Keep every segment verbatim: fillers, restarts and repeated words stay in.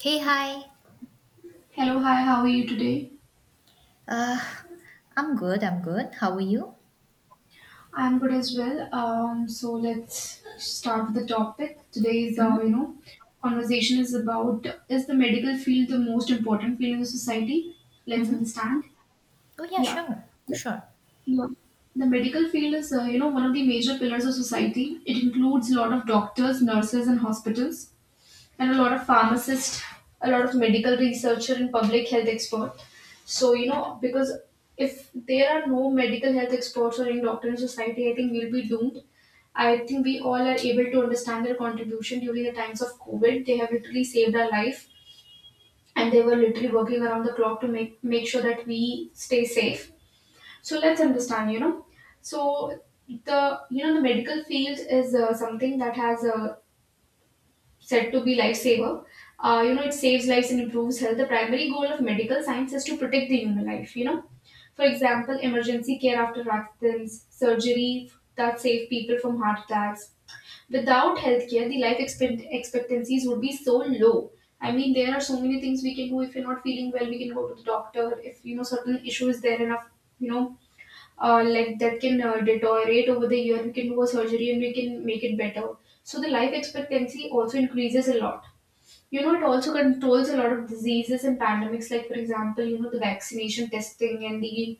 Hey, hi. Hello, hi, how are you today? Uh, I'm good, I'm good. How are you? I'm good as well. Um, so let's start with the topic. Today's, uh, you know, conversation is about is the medical field the most important field in the society? Let's understand. Oh, yeah, Yeah. sure, Yeah. sure. Yeah. The medical field is, uh, you know, one of the major pillars of society. It includes a lot of doctors, nurses, and hospitals, and a lot of pharmacists, a lot of medical researcher and public health expert. So you know because if there are no medical health experts or any doctor in society, I think we'll be doomed. I think we all are able to understand their contribution during the times of COVID. They have literally saved our life, and they were literally working around the clock to make, make sure that we stay safe. So let's understand, you know. So the you know the medical field is uh, something that has uh, said to be lifesaver. Uh, you know, it saves lives and improves health. The primary goal of medical science is to protect the human life, you know. For example, emergency care after accidents, surgery that save people from heart attacks. Without healthcare, the life expect- expectancies would be so low. I mean, there are so many things we can do. If you're not feeling well, we can go to the doctor. If you know certain issue is there enough, you know, uh, like that can uh, deteriorate over the year, we can do a surgery and we can make it better. So the life expectancy also increases a lot. you know it also controls a lot of diseases and pandemics, like for example, you know the vaccination testing and the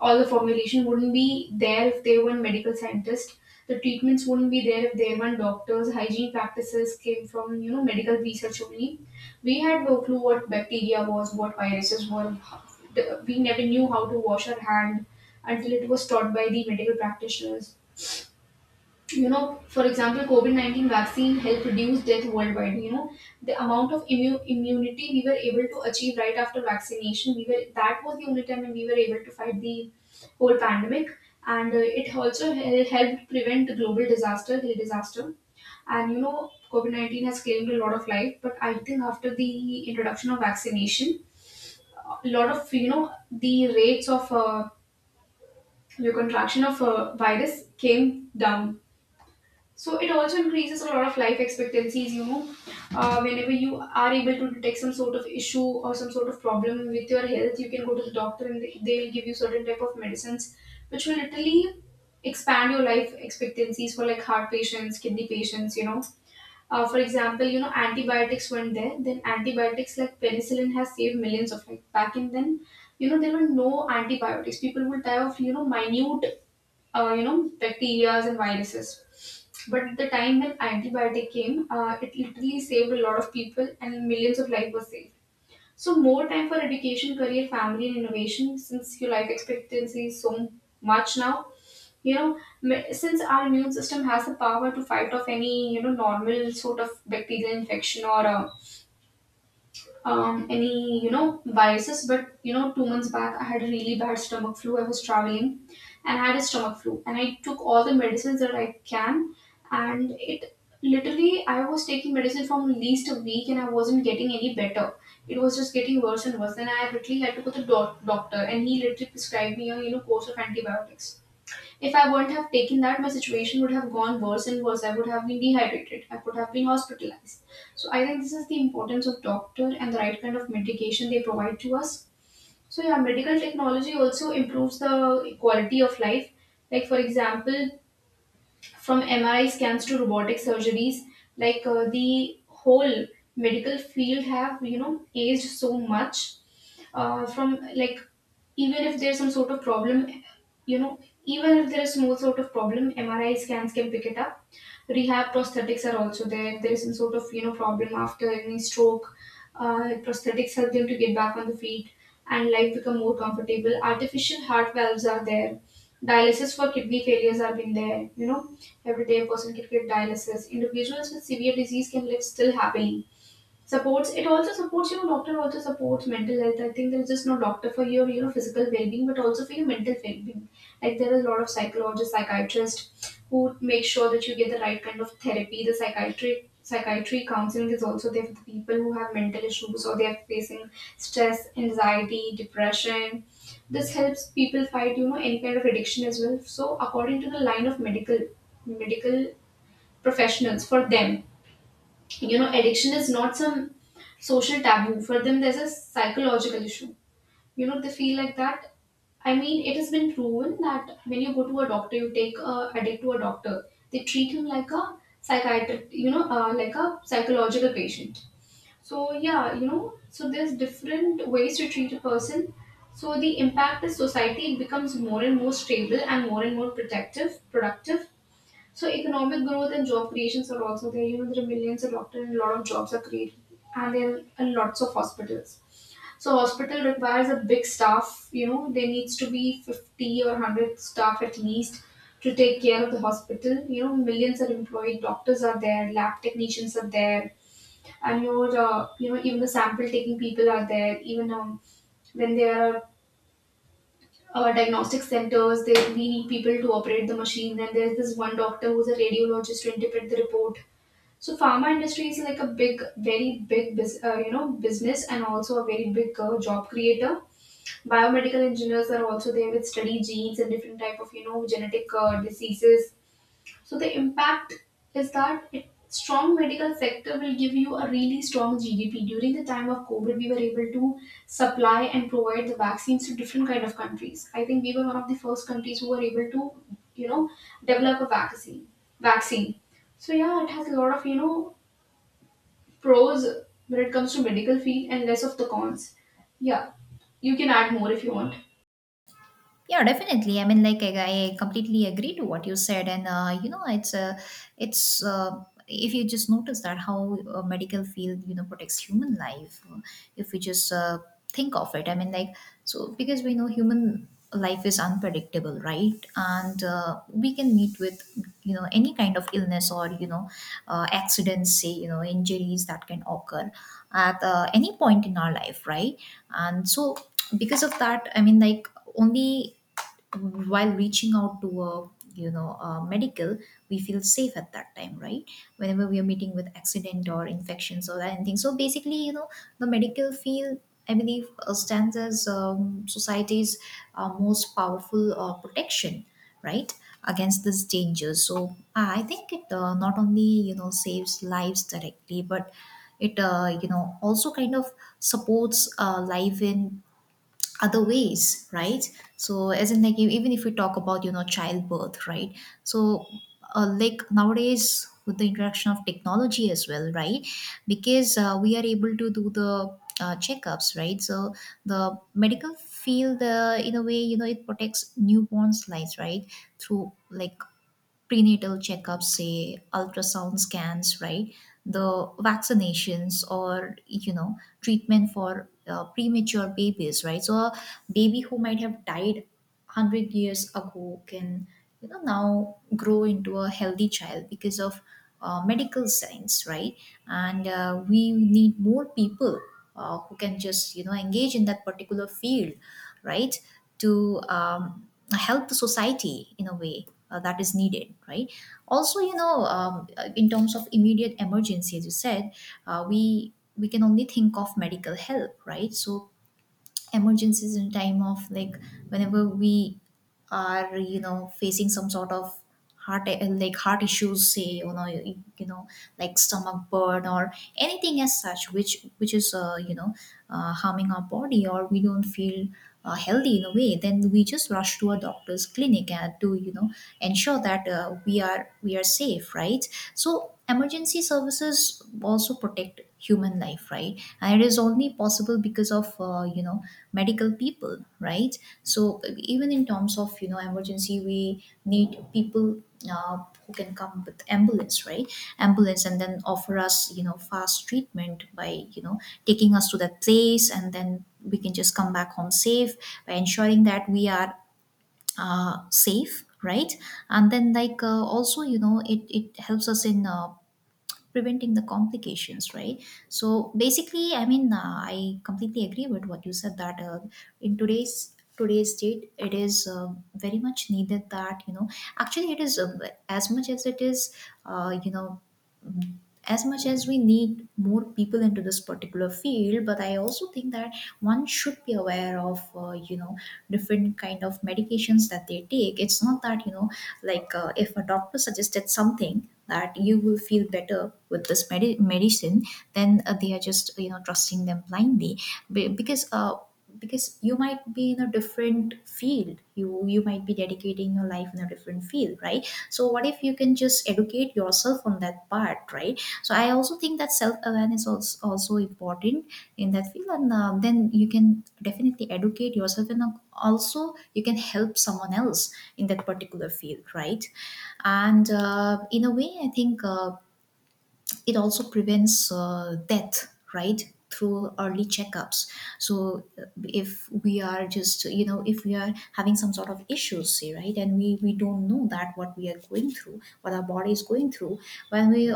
all the formulation wouldn't be there if they weren't medical scientists. The treatments wouldn't be there if there weren't doctors. Hygiene practices came from you know medical research only. We had no clue what bacteria was, what viruses were how- We never knew how to wash our hand until it was taught by the medical practitioners. you know, for example, COVID nineteen vaccine helped reduce death worldwide. You know, the amount of immu- immunity we were able to achieve right after vaccination, we were that was the only time when we were able to fight the whole pandemic. And uh, it also hel- helped prevent the global disaster, the disaster. And you know, COVID nineteen has claimed a lot of life, but I think after the introduction of vaccination, a lot of, you know, the rates of uh, the contraction of uh, virus came down, so it also increases a lot of life expectancies, you know. Uh, whenever you are able to detect some sort of issue or some sort of problem with your health, you can go to the doctor and they- they'll give you certain type of medicines which will literally expand your life expectancies for like heart patients, kidney patients, you know. Uh, for example, you know, antibiotics went there, then antibiotics like penicillin has saved millions of life. Back in then, you know, there were no antibiotics. People would die of, you know, minute uh, you know, bacteria and viruses. But the time when antibiotic came, uh, it literally saved a lot of people and millions of lives were saved. So more time for education, career, family, and innovation since your life expectancy is so much now. You know, me- since our immune system has the power to fight off any you know normal sort of bacterial infection or a um, any you know viruses. But you know, two months back, I had a really bad stomach flu. I was traveling and I had a stomach flu, and I took all the medicines that I can. And it literally, I was taking medicine from at least a week, and I wasn't getting any better. It was just getting worse and worse, and I literally had to go to the doc- doctor, and he literally prescribed me a you know course of antibiotics. If I wouldn't have taken that, my situation would have gone worse and worse. I would have been dehydrated. I could have been hospitalized. So I think this is the importance of doctor and the right kind of medication they provide to us. So yeah, medical technology also improves the quality of life. Like for example, from M R I scans to robotic surgeries, like uh, the whole medical field have you know aged so much, uh, from like, even if there's some sort of problem, you know even if there is small sort of problem, M R I scans can pick it up. Rehab prosthetics are also there. If there is some sort of you know problem after any stroke, uh, prosthetics help them to get back on the feet and life become more comfortable. Artificial heart valves are there. Dialysis for kidney failures have been there, you know. Every day a person can get dialysis. Individuals with severe disease can live still happily. Supports It also supports, you know, doctor also supports mental health. I think there's just no doctor for your you know physical well-being, but also for your mental well-being. Like there are a lot of psychologists, psychiatrists who make sure that you get the right kind of therapy. The psychiatry psychiatry counseling is also there for the people who have mental issues or they are facing stress, anxiety, depression. This helps people fight, you know, any kind of addiction as well. So according to the line of medical medical professionals, for them, you know, addiction is not some social taboo. For them, there's a psychological issue, you know, they feel like that. I mean, it has been proven that when you go to a doctor, you take a addict to a doctor, they treat him like a psychiatric, you know, uh, like a psychological patient. So yeah, you know, so there's different ways to treat a person. So the impact is society. It becomes more and more stable and more and more protective, productive. So economic growth and job creations are also there. You know, there are millions of doctors and a lot of jobs are created, and there are lots of hospitals. So hospital requires a big staff, you know, there needs to be fifty or one hundred staff at least to take care of the hospital. You know, millions are employed, doctors are there, lab technicians are there, and your, uh, you know, even the sample taking people are there, even um, when they are uh, diagnostic centers. They, we need people to operate the machines, and there's this one doctor who's a radiologist to interpret the report. So pharma industry is like a big, very big, bus- uh, you know, business and also a very big uh, job creator. Biomedical engineers are also there with study genes and different type of, you know, genetic uh, diseases. So the impact is that it, strong medical sector will give you a really strong G D P. During the time of COVID, we were able to supply and provide the vaccines to different kind of countries. I think we were one of the first countries who were able to, you know, develop a vaccine. Vaccine. So yeah, it has a lot of, you know, pros when it comes to medical field and less of the cons. Yeah, you can add more if you want. Yeah, definitely. I mean, like I, I completely agree to what you said, and uh, you know, it's uh, it's uh, if you just notice that how uh, medical field you know protects human life, uh, if we just uh, think of it, I mean, like so because we know human life is unpredictable, right? And uh, we can meet with you know any kind of illness or you know uh, accidents, say you know injuries that can occur at uh, any point in our life, right? And so because of that, I mean, like only while reaching out to a you know a medical, we feel safe at that time, right, whenever we are meeting with accident or infections or anything. So basically, you know, the medical field, I believe, uh, stands as um, society's uh, most powerful uh, protection, right, against this danger. So uh, I think it, uh, not only you know saves lives directly, but it, uh, you know, also kind of supports uh, life in other ways, right? So as in like you, even if we talk about you know childbirth, right? So uh, like nowadays with the introduction of technology as well, right, because uh, we are able to do the uh, checkups, right? So the medical field, uh, in a way, you know, it protects newborns lives, right, through like prenatal checkups, say ultrasound scans, right? The vaccinations or, you know, treatment for uh, premature babies, right? So a baby who might have died one hundred years ago can, you know, now grow into a healthy child because of uh, medical science, right? And uh, we need more people uh, who can just, you know, engage in that particular field, right, to um, help the society in a way uh, that is needed, right? Also, you know, um, uh, in terms of immediate emergency as you said, uh, we we can only think of medical help, right? So emergencies in time of like whenever we are you know facing some sort of heart, like heart issues, say you know you, you know, like stomach burn or anything as such, which which is uh, you know uh, harming our body, or we don't feel uh, healthy in a way, then we just rush to a doctor's clinic, and to you know ensure that uh, we are we are safe, right? So emergency services also protect human life, right, and it is only possible because of uh, you know medical people, right? So even in terms of you know emergency, we need people uh, who can come with ambulance, right, ambulance and then offer us you know fast treatment by you know taking us to that place, and then we can just come back home safe by ensuring that we are uh, safe, right? And then like uh, also, you know, it, it helps us in uh, preventing the complications, right? So basically I mean, uh, I completely agree with what you said that uh, in today's today's date it is uh, very much needed, that you know actually it is uh, as much as it is uh, you know mm, as much as we need more people into this particular field, but I also think that one should be aware of uh, you know different kind of medications that they take. It's not that you know like uh, if a doctor suggested something that you will feel better with this medi- medicine, then uh, they are just you know trusting them blindly. Be- because uh, because you might be in a different field, you you might be dedicating your life in a different field, right? So what if you can just educate yourself on that part, right? So I also think that self-awareness is also important in that field, and uh, then you can definitely educate yourself, and uh, also you can help someone else in that particular field, right? And uh, in a way I think uh, it also prevents uh, death, right, through early checkups. So uh, if we are just you know, if we are having some sort of issues, say, right, and we we don't know that what we are going through, what our body is going through, when we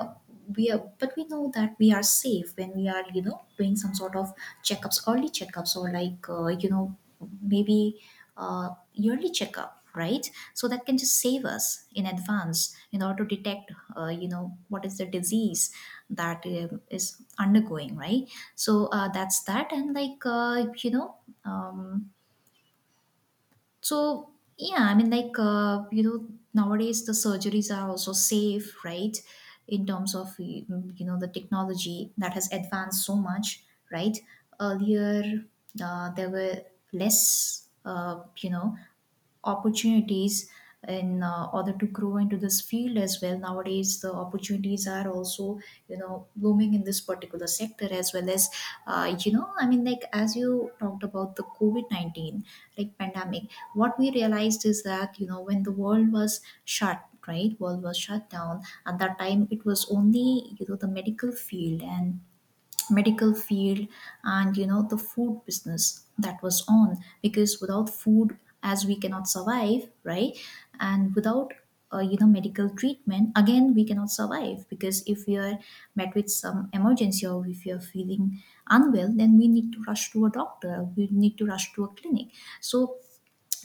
we are, but we know that we are safe when we are you know doing some sort of checkups, early checkups, or like uh, you know maybe uh, yearly checkup, right? So that can just save us in advance, in order to detect uh, you know what is the disease that um, is undergoing, right? So uh, that's that, and like uh, you know um, so yeah, I mean like uh, you know nowadays the surgeries are also safe, right, in terms of mm, you know the technology that has advanced so much, right. Earlier uh, there were less uh, you know opportunities in uh, order to grow into this field as well. Nowadays the opportunities are also you know blooming in this particular sector as well, as uh, you know, I mean like as you talked about the covid nineteen, like pandemic, what we realized is that you know when the world was shut, right, world was shut down at that time, it was only you know the medical field and medical field and you know the food business that was on, because without food as we cannot survive, right? And without uh, you know medical treatment again we cannot survive, because if we are met with some emergency, or if we are feeling unwell, then we need to rush to a doctor, we need to rush to a clinic. So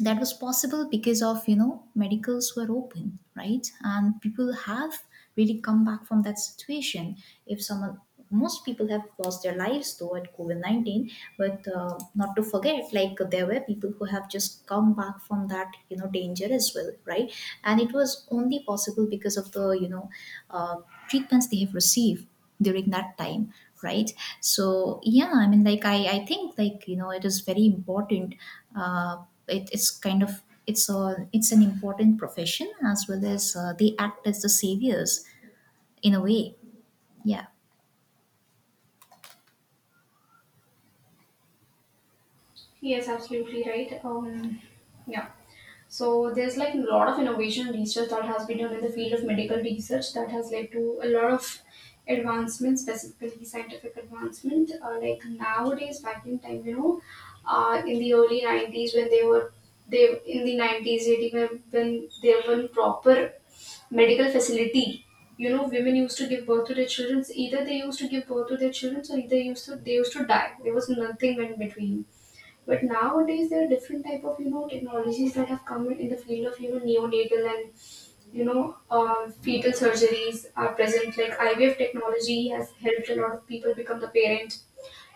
that was possible because of you know medicals were open, right, and people have really come back from that situation. If someone, most people have lost their lives though at covid nineteen, but uh, not to forget, like there were people who have just come back from that you know danger as well, right? And it was only possible because of the you know uh, treatments they have received during that time, right. So yeah, I mean like i i think like you know it is very important, uh it, it's kind of, it's a, it's an important profession, as well as uh, they act as the saviors in a way. Yeah. Yes, absolutely right. Um, yeah. So there's like a lot of innovation and research that has been done in the field of medical research that has led to a lot of advancement, specifically scientific advancement. Uh, like nowadays, back in time, you know, uh, in the early nineties when they were they in the nineties, eighty when when there were proper medical facility. You know, women used to give birth to their children. Either they used to give birth to their children, or either used to they used to die. There was nothing in between, but nowadays there are different type of, you know, technologies that have come in, in the field of, you know, neonatal and you know um, fetal surgeries are present. Like I V F technology has helped a lot of people become the parent,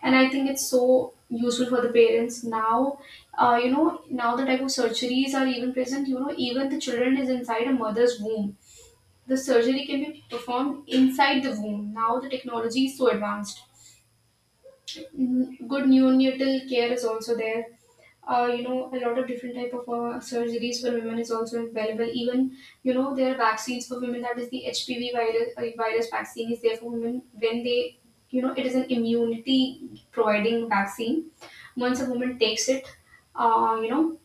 and I think it's so useful for the parents now. Uh, you know, now the type of surgeries are even present. You know, even the children is inside a mother's womb. The surgery can be performed inside the womb. Now the technology is so advanced. Mm, good neonatal care is also there. Uh, you know, a lot of different type of uh, surgeries for women is also available. Even you know, there are vaccines for women. That is the H P V virus uh, virus vaccine is there for women when they, you know, it is an immunity providing vaccine. Once a woman takes it, uh, you know,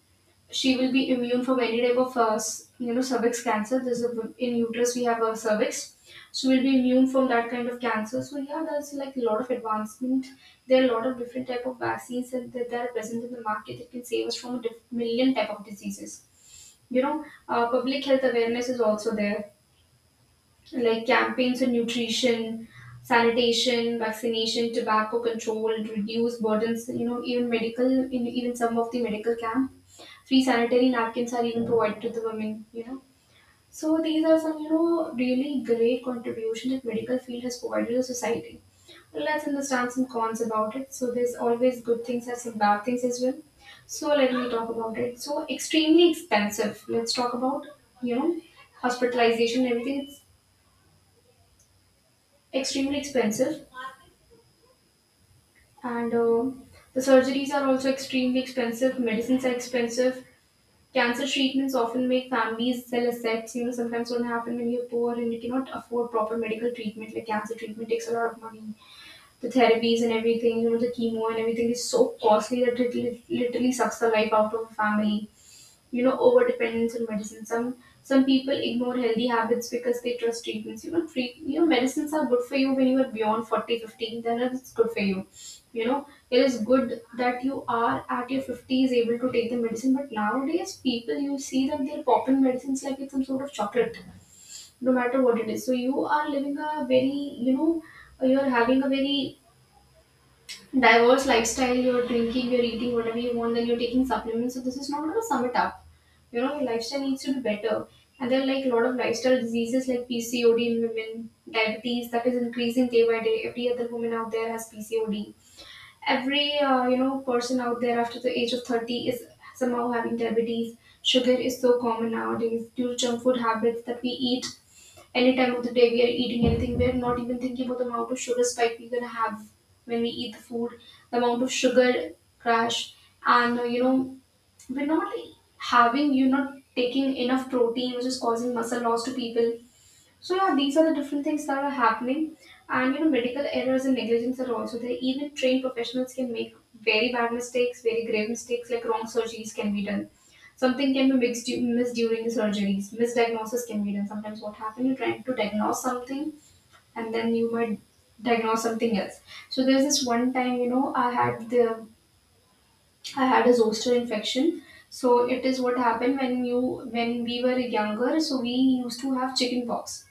she will be immune from any type of uh, s- you know cervix cancer. There's a, in uterus we have a cervix, so we'll be immune from that kind of cancer. So yeah, there's like a lot of advancement. There are a lot of different type of vaccines and that, that are present in the market that can save us from a diff- million type of diseases. You know uh, public health awareness is also there, like campaigns on nutrition, sanitation, vaccination, tobacco control, reduce burdens, you know, even medical, in even some of the medical camp, free sanitary napkins are even provided to the women, you know. So these are some, you know, really great contribution that medical field has provided to society. Well, let's understand some cons about it. So there's always good things and some bad things as well. So let me talk about it. So extremely expensive. Let's talk about, you know, hospitalization and everything. Extremely expensive, and uh, the surgeries are also extremely expensive. Medicines are expensive. Cancer treatments often make families sell assets. You know, sometimes what happen when you're poor and you cannot afford proper medical treatment, like cancer treatment takes a lot of money. The therapies and everything, you know, the chemo and everything is so costly that it lit- literally sucks the life out of a family. You know, over dependence on medicine. Some some people ignore healthy habits because they trust treatments. You know treat you know medicines are good for you when you are beyond forty, fifty. Then it's good for you. You know, it is good that you are at your fifties able to take the medicine, but nowadays people, you see that they're popping medicines like it's some sort of chocolate, no matter what it is. So you are living a very, you know you're having a very diverse lifestyle. You're drinking, you're eating whatever you want, then you're taking supplements. So this is not gonna sum it up. You know, your lifestyle needs to be better. And there are like a lot of lifestyle diseases like P C O D in women, diabetes that is increasing day by day. Every other woman out there has P C O D. Every uh, you know person out there after the age of thirty is somehow having diabetes. Sugar is so common nowadays due to junk food habits that we eat. Any time of the day we are eating anything, we are not even thinking about the amount of sugar spike we're gonna have. When we eat the food, the amount of sugar crash, and uh, you know, we're not having, you're not taking enough protein, which is causing muscle loss to people. So yeah, these are the different things that are happening, and you know, medical errors and negligence are also there. Even trained professionals can make very bad mistakes, very grave mistakes, like wrong surgeries can be done. Something can be mixed, missed during the surgeries. Misdiagnosis can be done. Sometimes what happens, you're trying to diagnose something, and then you might diagnose something else. So there's this one time, you know, I had the I had a zoster infection. So it is what happened when you, when we were younger. So we used to have chicken pox.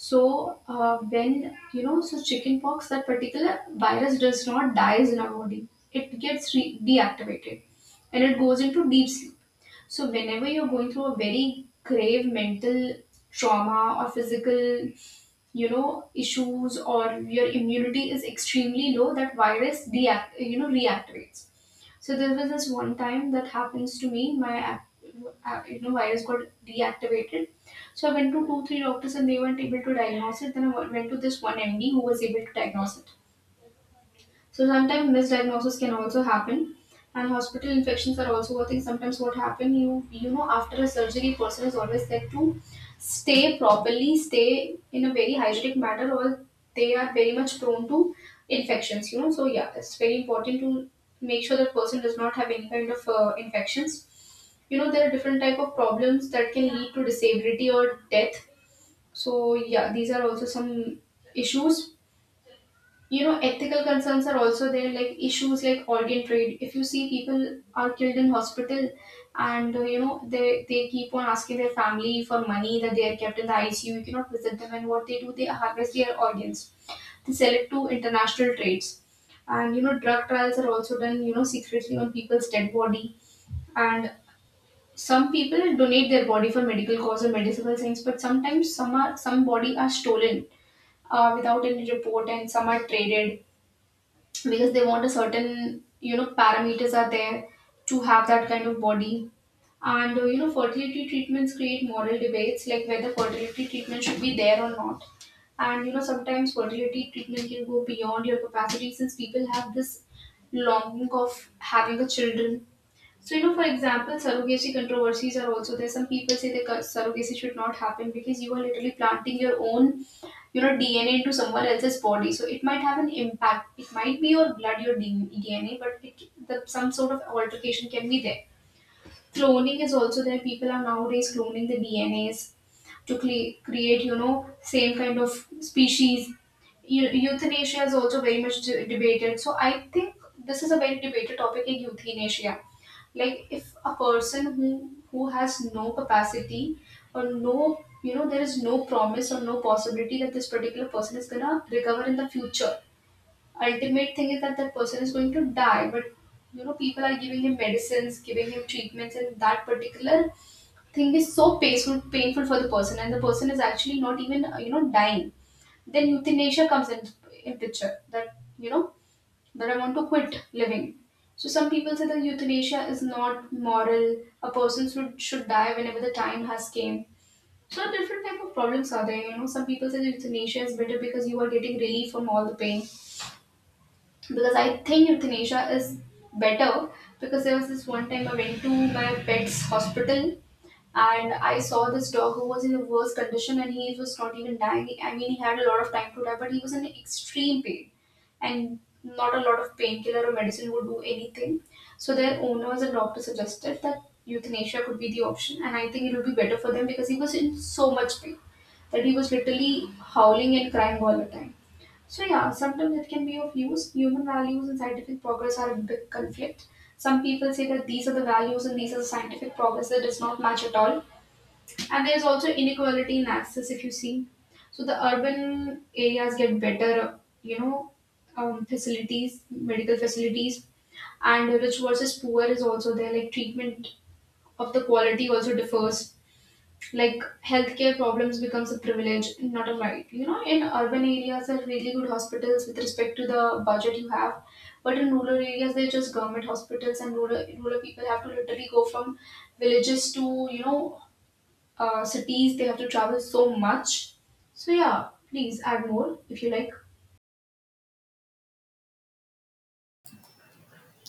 So uh, when you know, so chickenpox, that particular virus does not dies in our body. It gets re- deactivated, and it goes into deep sleep. So whenever you're going through a very grave mental trauma or physical, you know, issues, or your immunity is extremely low, that virus deact you know reactivates. So there was this one time that happens to me, my ac- uh, you know virus got deactivated. So I went to two three doctors and they weren't able to diagnose it. Then I went to this one M D who was able to diagnose it. So sometimes misdiagnosis can also happen, and hospital infections are also a thing. Sometimes what happen, you you know after a surgery, person is always said to stay properly, stay in a very hygienic manner, or they are very much prone to infections. You know, so yeah, it's very important to make sure that person does not have any kind of uh, infections. You know, there are different type of problems that can lead to disability or death. So yeah, these are also some issues. You know, ethical concerns are also there, like issues like organ trade. If you see, people are killed in hospital, and uh, you know, they they keep on asking their family for money, that they are kept in the I C U, you cannot visit them, and what they do, they harvest their organs. They sell it to international trades. And you know, drug trials are also done, you know, secretly on people's dead body. And some people donate their body for medical cause or medicinal things, but sometimes some are, some body are stolen, uh, without any report, and some are traded because they want a certain, you know, parameters are there to have that kind of body. And uh, you know, fertility treatments create moral debates, like whether fertility treatment should be there or not. And you know, sometimes fertility treatment can go beyond your capacity, since people have this longing of having a children. So, you know, for example, surrogacy controversies are also there. Some people say that cur- surrogacy should not happen because you are literally planting your own, you know, D N A into someone else's body. So it might have an impact. It might be your blood, your D- DNA, but it, the, some sort of altercation can be there. Cloning is also there. People are nowadays cloning the D N As to cle- create, you know, same kind of species. Eu- euthanasia is also very much de- debated. So I think this is a very debated topic in euthanasia. Like if a person who, who has no capacity, or no, you know, there is no promise or no possibility that this particular person is gonna recover in the future, ultimate thing is that that person is going to die. But you know, people are giving him medicines, giving him treatments, and that particular thing is so painful painful for the person, and the person is actually not even uh, you know dying. Then euthanasia comes in in picture, that you know, that I want to quit living. So some people say that euthanasia is not moral. A person should should die whenever the time has came. So different type of problems are there. You know, some people say that euthanasia is better because you are getting relief from all the pain. Because I think euthanasia is better, because there was this one time I went to my pet's hospital and I saw this dog who was in the worst condition and he was not even dying. I mean, he had a lot of time to die, but he was in extreme pain. And not a lot of painkiller or medicine would do anything. So their owners and doctors suggested that euthanasia could be the option. And I think it would be better for them because he was in so much pain that he was literally howling and crying all the time. So yeah, sometimes it can be of use. Human values and scientific progress are a big conflict. Some people say that these are the values and these are the scientific progress that does not match at all. And there's also inequality in access, if you see. So the urban areas get better, you know, um, facilities, medical facilities, and rich versus poor is also there. Like treatment of the quality also differs. Like healthcare problems becomes a privilege, not a right. You know, in urban areas there are really good hospitals with respect to the budget you have, but in rural areas they're just government hospitals, and rural rural people have to literally go from villages to, you know, uh, cities. They have to travel so much. So yeah, please add more if you like.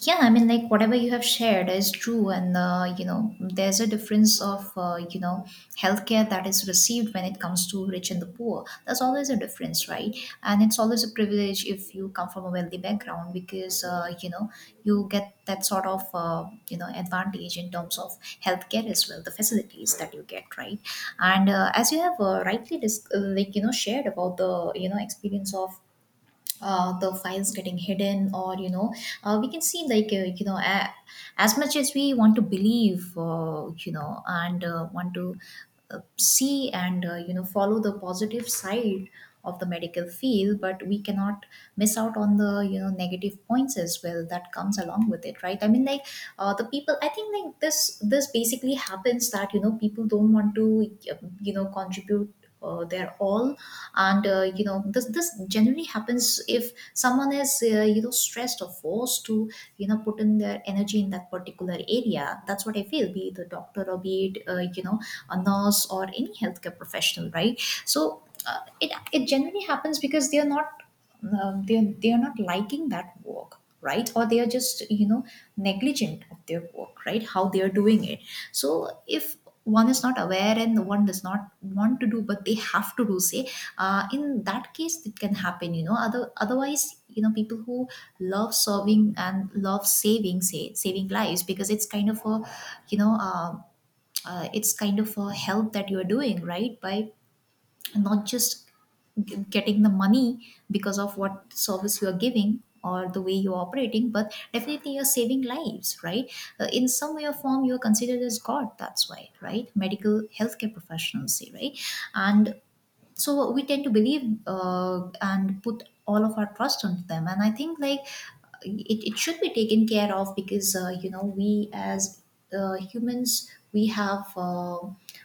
Yeah, I mean like whatever you have shared is true, and uh, you know, there's a difference of uh, you know healthcare that is received when it comes to rich and the poor, there's always a difference, right? And it's always a privilege if you come from a wealthy background, because uh, you know you get that sort of uh, you know advantage in terms of healthcare as well, the facilities that you get, right? And uh, as you have uh, rightly dis- uh, like you know shared about the you know experience of uh, the files getting hidden, or you know, uh, we can see like uh, you know, a as much as we want to believe uh, you know, and uh, want to uh, see, and uh, you know follow the positive side of the medical field, but we cannot miss out on the you know negative points as well that comes along with it, right? I mean like uh, the people, I think like this this basically happens, that you know people don't want to uh, you know contribute uh, their all. And uh, you know this this generally happens if someone is uh, you know stressed or forced to you know put in their energy in that particular area, that's what I feel, be it a doctor or be it uh, you know a nurse or any healthcare professional, right? So uh, it it generally happens because they are not um, they are, they are not liking that work, right, or they are just you know negligent of their work, right, how they are doing it. So if one is not aware, and no one does not want to do but they have to do, say uh, in that case it can happen, you know, other otherwise you know people who love serving and love saving, say saving lives, because it's kind of a you know um uh, it's kind of a help that you are doing, right, by not just g- getting the money because of what service you are giving or the way you're operating, but definitely you're saving lives, right. Uh, in some way or form you're considered as god, that's why, right, medical healthcare professionals, say, right. And so we tend to believe, uh, and put all of our trust onto them, and I think like it, it should be taken care of, because uh, you know we as uh, humans, we have uh,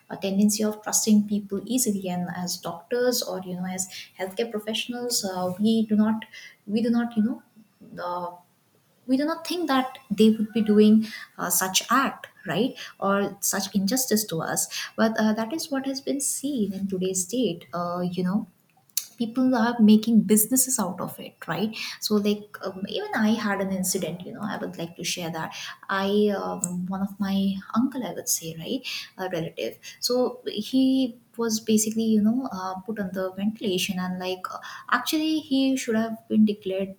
a tendency of trusting people easily, and as doctors or you know as healthcare professionals uh, we do not we do not you know uh, we do not think that they would be doing uh, such act, right? Or such injustice to us. But uh, that is what has been seen in today's date. Uh, you know people are making businesses out of it, right? So like um, even I had an incident, you know, I would like to share that. I um, One of my uncle, I would say, right? A relative. So he was basically, you know, uh, put on the ventilation and like uh, actually he should have been declared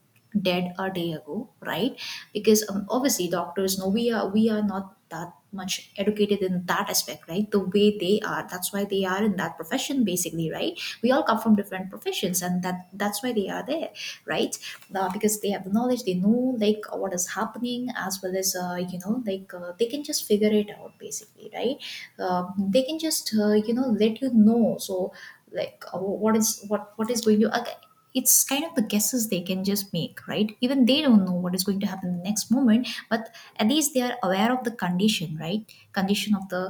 dead a day ago, right? Because um, obviously doctors know, we are we are not that much educated in that aspect, right? The way they are, that's why they are in that profession, basically, right? We all come from different professions and that that's why they are there, right? Uh, because they have the knowledge, they know like what is happening, as well as uh, you know like uh, they can just figure it out, basically, right? Um they can just, uh, you know, let you know. So like uh, what is, what what is going to, uh, it's kind of the guesses they can just make, right? Even they don't know what is going to happen the next moment, but at least they are aware of the condition, right? Condition of the,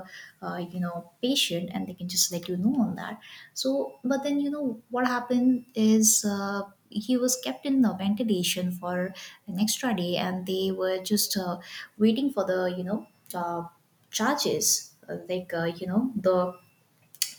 uh, you know patient, and they can just let you know on that. So, but then, you know, what happened is uh, he was kept in the ventilation for an extra day, and they were just uh, waiting for the, you know, uh, charges, uh, like uh, you know, the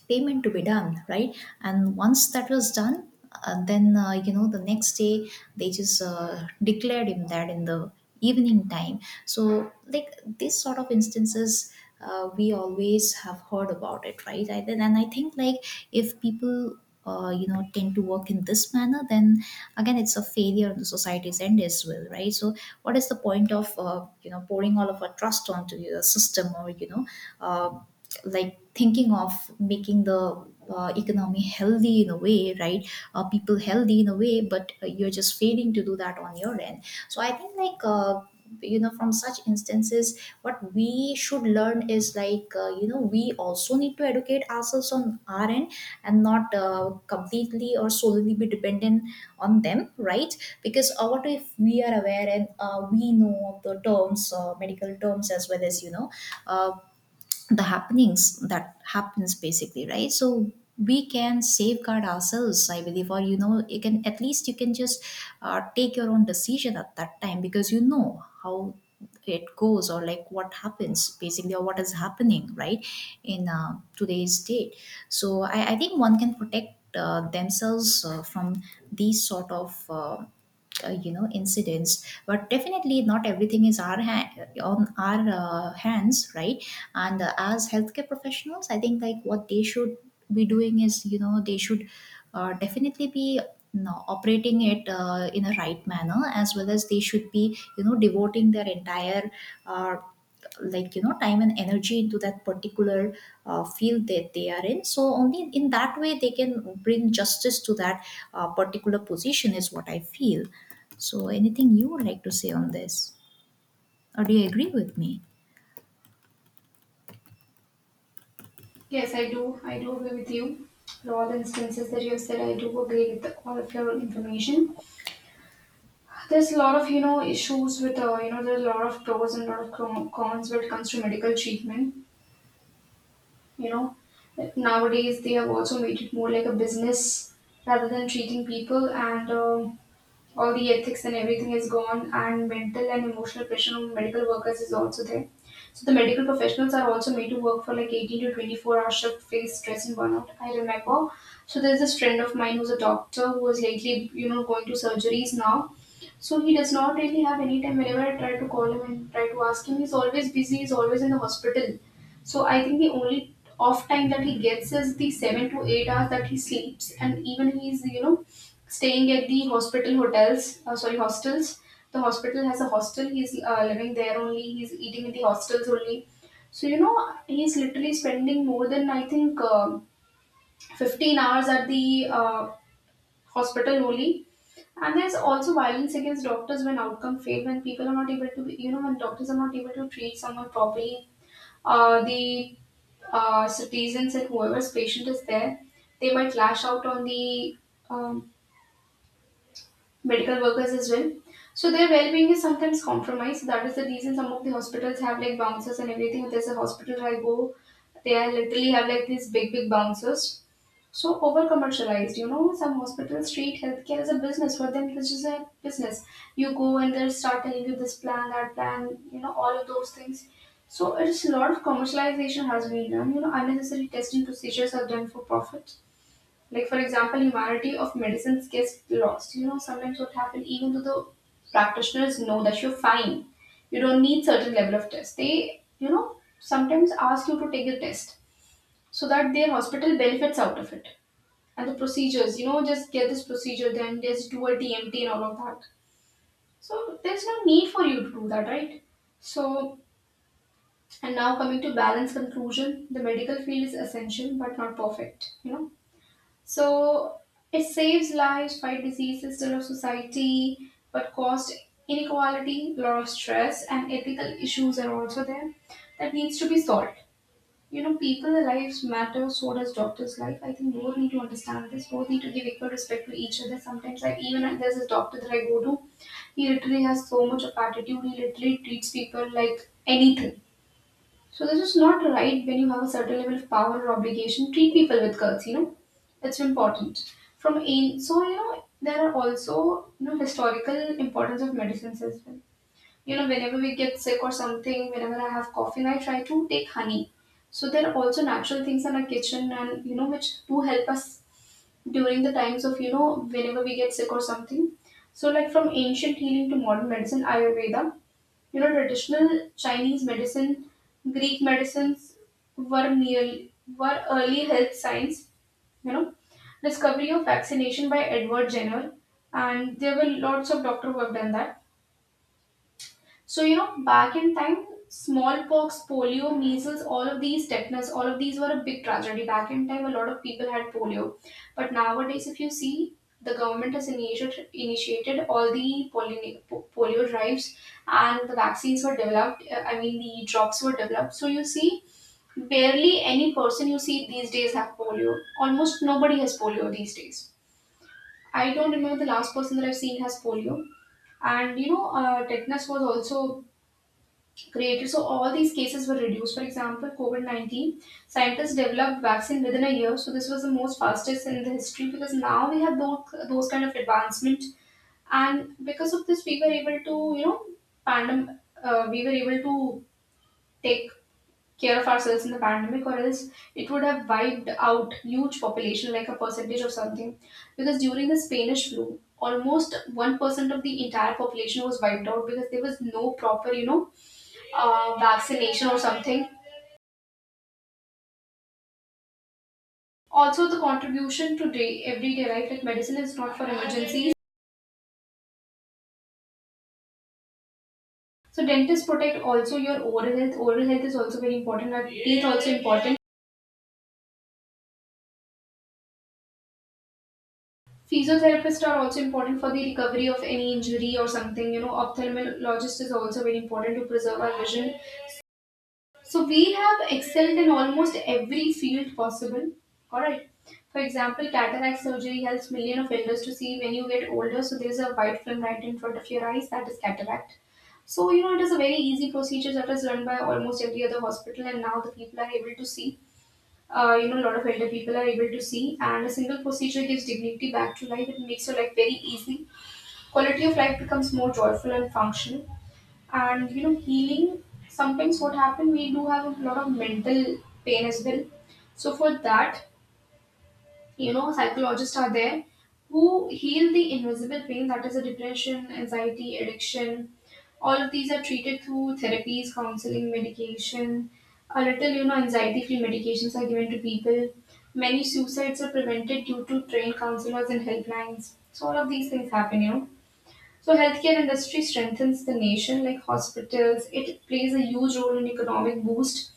payment to be done, right? And once that was done, uh, then uh, you know, the next day they just uh, declared him that in the evening time. So like these sort of instances uh, we always have heard about it, right? I, then- and I think like if people uh, you know, tend to work in this manner, then again it's a failure on the society's end as well, right? So what is the point of uh, you know, pouring all of our trust onto the system, or you know, uh, like thinking of making the uh, economy healthy in a way, right? Uh, people healthy in a way, but uh, you're just failing to do that on your end. So I think like uh, you know, from such instances what we should learn is like, uh, you know, we also need to educate ourselves on our end, and not uh, completely or solely be dependent on them, right? Because uh, what if we are aware and uh, we know of the terms, uh, medical terms, as well as you know, uh, the happenings that happens, basically, right? So we can safeguard ourselves, I believe, or you know, you can at least, you can just uh, take your own decision at that time, because you know how it goes, or like what happens, basically, or what is happening, right? In uh, today's date. So I, I think one can protect uh, themselves uh, from these sort of uh, uh, you know, incidents. But definitely not everything is our ha- on our uh, hands, right? And uh, as healthcare professionals, I think like what they should be doing is, you know, they should uh, definitely be, you know, operating it uh, in a right manner, as well as they should be, you know, devoting their entire uh, like you know, time and energy into that particular uh, field that they are in. So only in that way they can bring justice to that uh, particular position, is what I feel. So, anything you would like to say on this, or do you agree with me? Yes, I do. I do agree with you. For all the instances that you have said, I do agree with all of your information. There's a lot of, you know, issues with, uh, you know there's a lot of pros and a lot of con- cons when it comes to medical treatment. You know, nowadays they have also made it more like a business rather than treating people, and um all the ethics and everything is gone. And mental and emotional pressure on medical workers is also there. So the medical professionals are also made to work for like eighteen to twenty-four hour shift, face stress and burnout. I remember, so there's this friend of mine who's a doctor, who was lately, you know, going to surgeries now. So he does not really have any time. Whenever I try to call him and try to ask him, he's always busy. He's always in the hospital. So I think the only off time that he gets is the seven to eight hours that he sleeps, and even he's you know staying at the hospital hotels. Uh, sorry, hostels. The hospital has a hostel. He's uh, living there only. He's eating in the hostels only. So you know he's literally spending more than I think uh, fifteen hours at the uh, hospital only. And there's also violence against doctors when outcome fail, when people are not able to, be, you know, when doctors are not able to treat someone properly, uh, the uh, citizens and whoever's patient is there, they might lash out on the um, medical workers as well. So their well-being is sometimes compromised. That is the reason some of the hospitals have like bouncers and everything. There's a hospital I go, they are literally have like these big, big bouncers. So over commercialized, you know some hospitals treat healthcare as a business. For them this is a business. You go and they'll start telling you this plan, that plan, you know all of those things. So it's a lot of commercialization has been done. You know unnecessary testing procedures are done for profit, like for example, humanity of medicines gets lost. You know sometimes what happen, even though the practitioners know that you're fine, you don't need certain level of test, they you know sometimes ask you to take a test so that their hospital benefits out of it. And the procedures, you know just get this procedure, then just do a tmt and all of that. So there's no need for you to do that, right? So, and now coming to balance conclusion, the medical field is essential but not perfect, you know so it saves lives, fight diseases, still of society, but cost inequality, lot of stress and ethical issues are also there that needs to be solved. You know people's lives matter, so does doctor's life. I think both need to understand this. Both need to give equal respect to each other. Sometimes, like, even if there's a doctor that I go to, he literally has so much of attitude. He literally treats people like anything. So this is not right. When you have a certain level of power or obligation, treat people with guts, you know it's important. From ain, so you know there are also you know historical importance of medicines as well. You know whenever we get sick or something, whenever I have coughing, I try to take honey. So there are also natural things in our kitchen, and you know which do help us during the times of, you know whenever we get sick or something. So, like from ancient healing to modern medicine, ayurveda, you know traditional Chinese medicine, Greek medicines, were merely were early health science. you know Discovery of vaccination by Edward Jenner, and there were lots of doctor who have done that. So, you know, back in time, smallpox, polio, measles, all of these, tetanus, all of these were a big tragedy. Back in time, a lot of people had polio. But nowadays, if you see, the government has initiated, initiated all the polio, polio drives, and the vaccines were developed. uh, I mean, the drops were developed. So, you see, barely any person you see these days have polio. Almost nobody has polio these days. I don't remember the last person that I've seen has polio. And you know, uh, tetanus was also created. So all these cases were reduced. For example, COVID nineteen, scientists developed vaccine within a year. So this was the most fastest in the history, because now we have those, those kind of advancement. And because of this, we were able to, you know, pandem- uh, we were able to take care of ourselves in the pandemic, or else it would have wiped out huge population, like a percentage or something, because during the Spanish flu almost one percent of the entire population was wiped out because there was no proper, you know uh, vaccination or something. Also, the contribution to day, everyday life, like medicine is not for emergencies. So, dentists protect also your oral health. Oral health is also very important. Our teeth also important. Physiotherapists are also important for the recovery of any injury or something. You know, ophthalmologist is also very important to preserve our vision. So we have excelled in almost every field possible. All right. For example, cataract surgery helps millions of elders to see when you get older. So there is a white film right in front of your eyes, that is cataract. So you know it is a very easy procedure that is run by almost every other hospital, and now the people are able to see. Uh, you know, a lot of elder people are able to see, and a single procedure gives dignity back to life. It makes your life very easy. Quality of life becomes more joyful and functional. And you know healing, sometimes what happen, we do have a lot of mental pain as well. So for that, you know psychologists are there who heal the invisible pain, that is a depression, anxiety, addiction. All of these are treated through therapies, counseling, medication. A little, you know anxiety free medications are given to people. Many suicides are prevented due to trained counselors and helplines. So all of these things happen, you know so healthcare industry strengthens the nation, like hospitals. It plays a huge role in economic boost.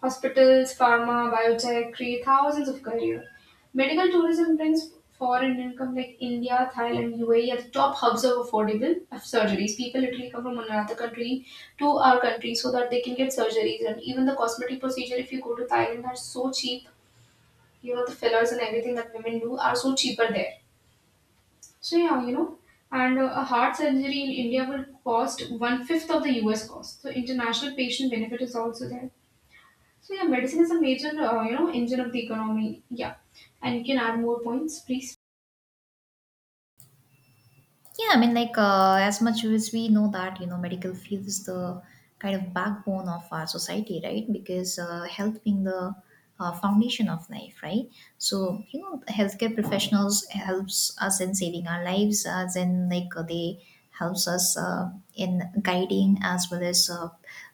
Hospitals, pharma, biotech create thousands of career. Medical tourism brings foreign income, like India, Thailand, U A E are the top hubs of affordable surgeries. People literally come from another country to our country so that they can get surgeries. And even the cosmetic procedure, if you go to Thailand are so cheap. You know the fillers and everything that women do are so cheaper there. So yeah, you know, and uh, a heart surgery in India will cost one fifth of the U S cost. So international patient benefit is also there. So yeah, medicine is a major, uh, you know, engine of the economy. Yeah, and you can add more points, please. Yeah, I mean, like uh, as much as we know that, you know, medical field is the kind of backbone of our society, right? Because uh, health being the uh, foundation of life, right? So you know, healthcare professionals helps us in saving our lives, as in like uh, they helps us uh, in guiding, as well as uh,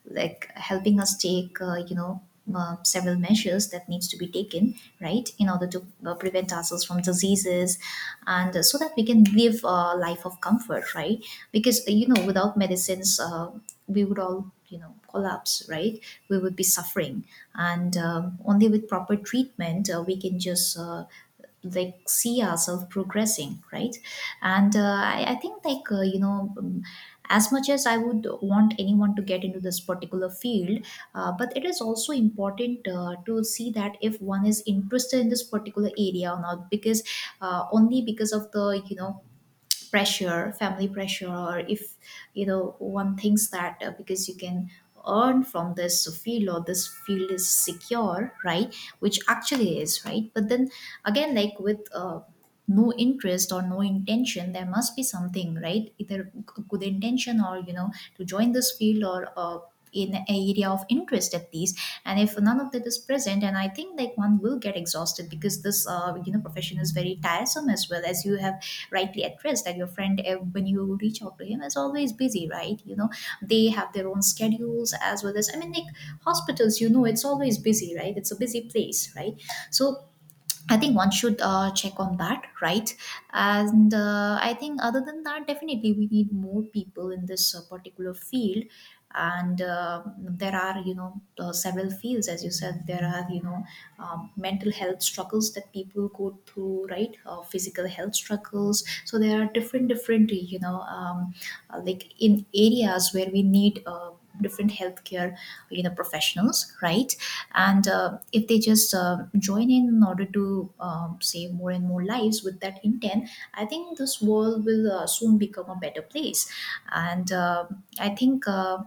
like helping us take, uh, you know uh, several measures that needs to be taken right in order to uh, prevent ourselves from diseases, and uh, so that we can live a life of comfort, right? Because uh, you know, without medicines uh, we would all, you know, collapse, right? We would be suffering. And um, only with proper treatment uh, we can just uh, like see ourselves progressing, right? And uh, I, I think like uh, you know um, as much as I would want anyone to get into this particular field, uh, but it is also important uh, to see that if one is interested in this particular area or not, because uh, only because of the, you know, pressure, family pressure, or if you know, one thinks that uh, because you can earn from this field, or this field is secure, right? Which actually is right, but then again, like with uh, no interest or no intention, there must be something, right? Either g- good intention, or you know, to join this field, or uh, in an area of interest at least. And if none of that is present, and I think like one will get exhausted, because this uh, you know, profession is very tiresome, as well as you have rightly addressed that your friend, uh, when you reach out to him, is always busy, right? You know, they have their own schedules, as well as, I mean, like hospitals, you know, it's always busy, right? It's a busy place, right? So I think one should uh, check on that, right? And uh, I think other than that, definitely we need more people in this uh, particular field. And uh, there are, you know, uh, several fields, as you said, there are, you know, um, mental health struggles that people go through, right? Uh, physical health struggles. So there are different, different, you know, um, uh, like in areas where we need uh, different healthcare, you know, professionals, right? And uh, if they just uh, join in in order to um, save more and more lives with that intent, I think this world will uh, soon become a better place. And uh, I think uh,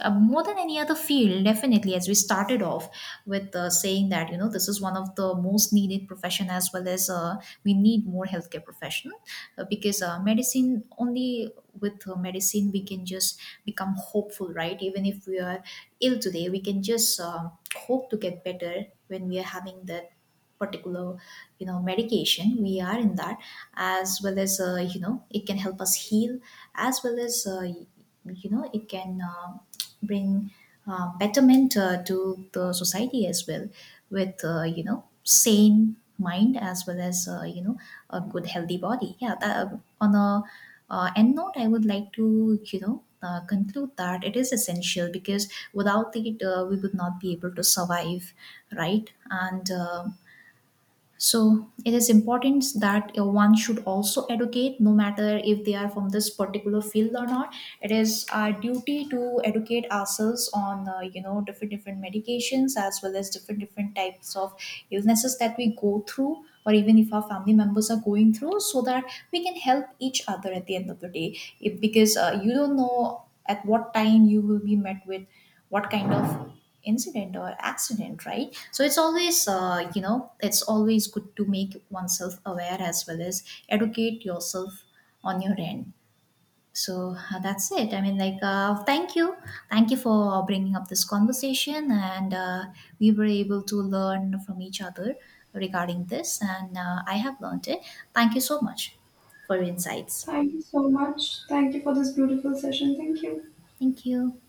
uh, more than any other field, definitely, as we started off with uh, saying that, you know, this is one of the most needed profession, as well as uh, we need more healthcare profession, uh, because uh, medicine only, with uh, medicine we can just become hopeful, right? Even if we are ill today, we can just uh, hope to get better when we are having that particular, you know, medication, we are in that, as well as uh, you know, it can help us heal, as well as uh, you know, it can um bring uh, betterment uh, to the society as well, with uh, you know, sane mind, as well as uh, you know, a good healthy body. Yeah, that, uh, on a uh, end note, I would like to, you know, uh, conclude that it is essential, because without it uh, we would not be able to survive, right? And uh, so it is important that uh, one should also educate, no matter if they are from this particular field or not. It is our duty to educate ourselves on, uh, you know, different different medications, as well as different different types of illnesses that we go through, or even if our family members are going through, so that we can help each other at the end of the day. If, because uh, you don't know at what time you will be met with what kind of incident or accident, right? So it's always, uh, you know, it's always good to make oneself aware, as well as educate yourself on your end. So uh, that's it. I mean, like uh, thank you. Thank you for bringing up this conversation, and uh, we were able to learn from each other regarding this, and uh, I have learned it. Thank you so much for your insights. Thank you so much. Thank you for this beautiful session. Thank you. Thank you.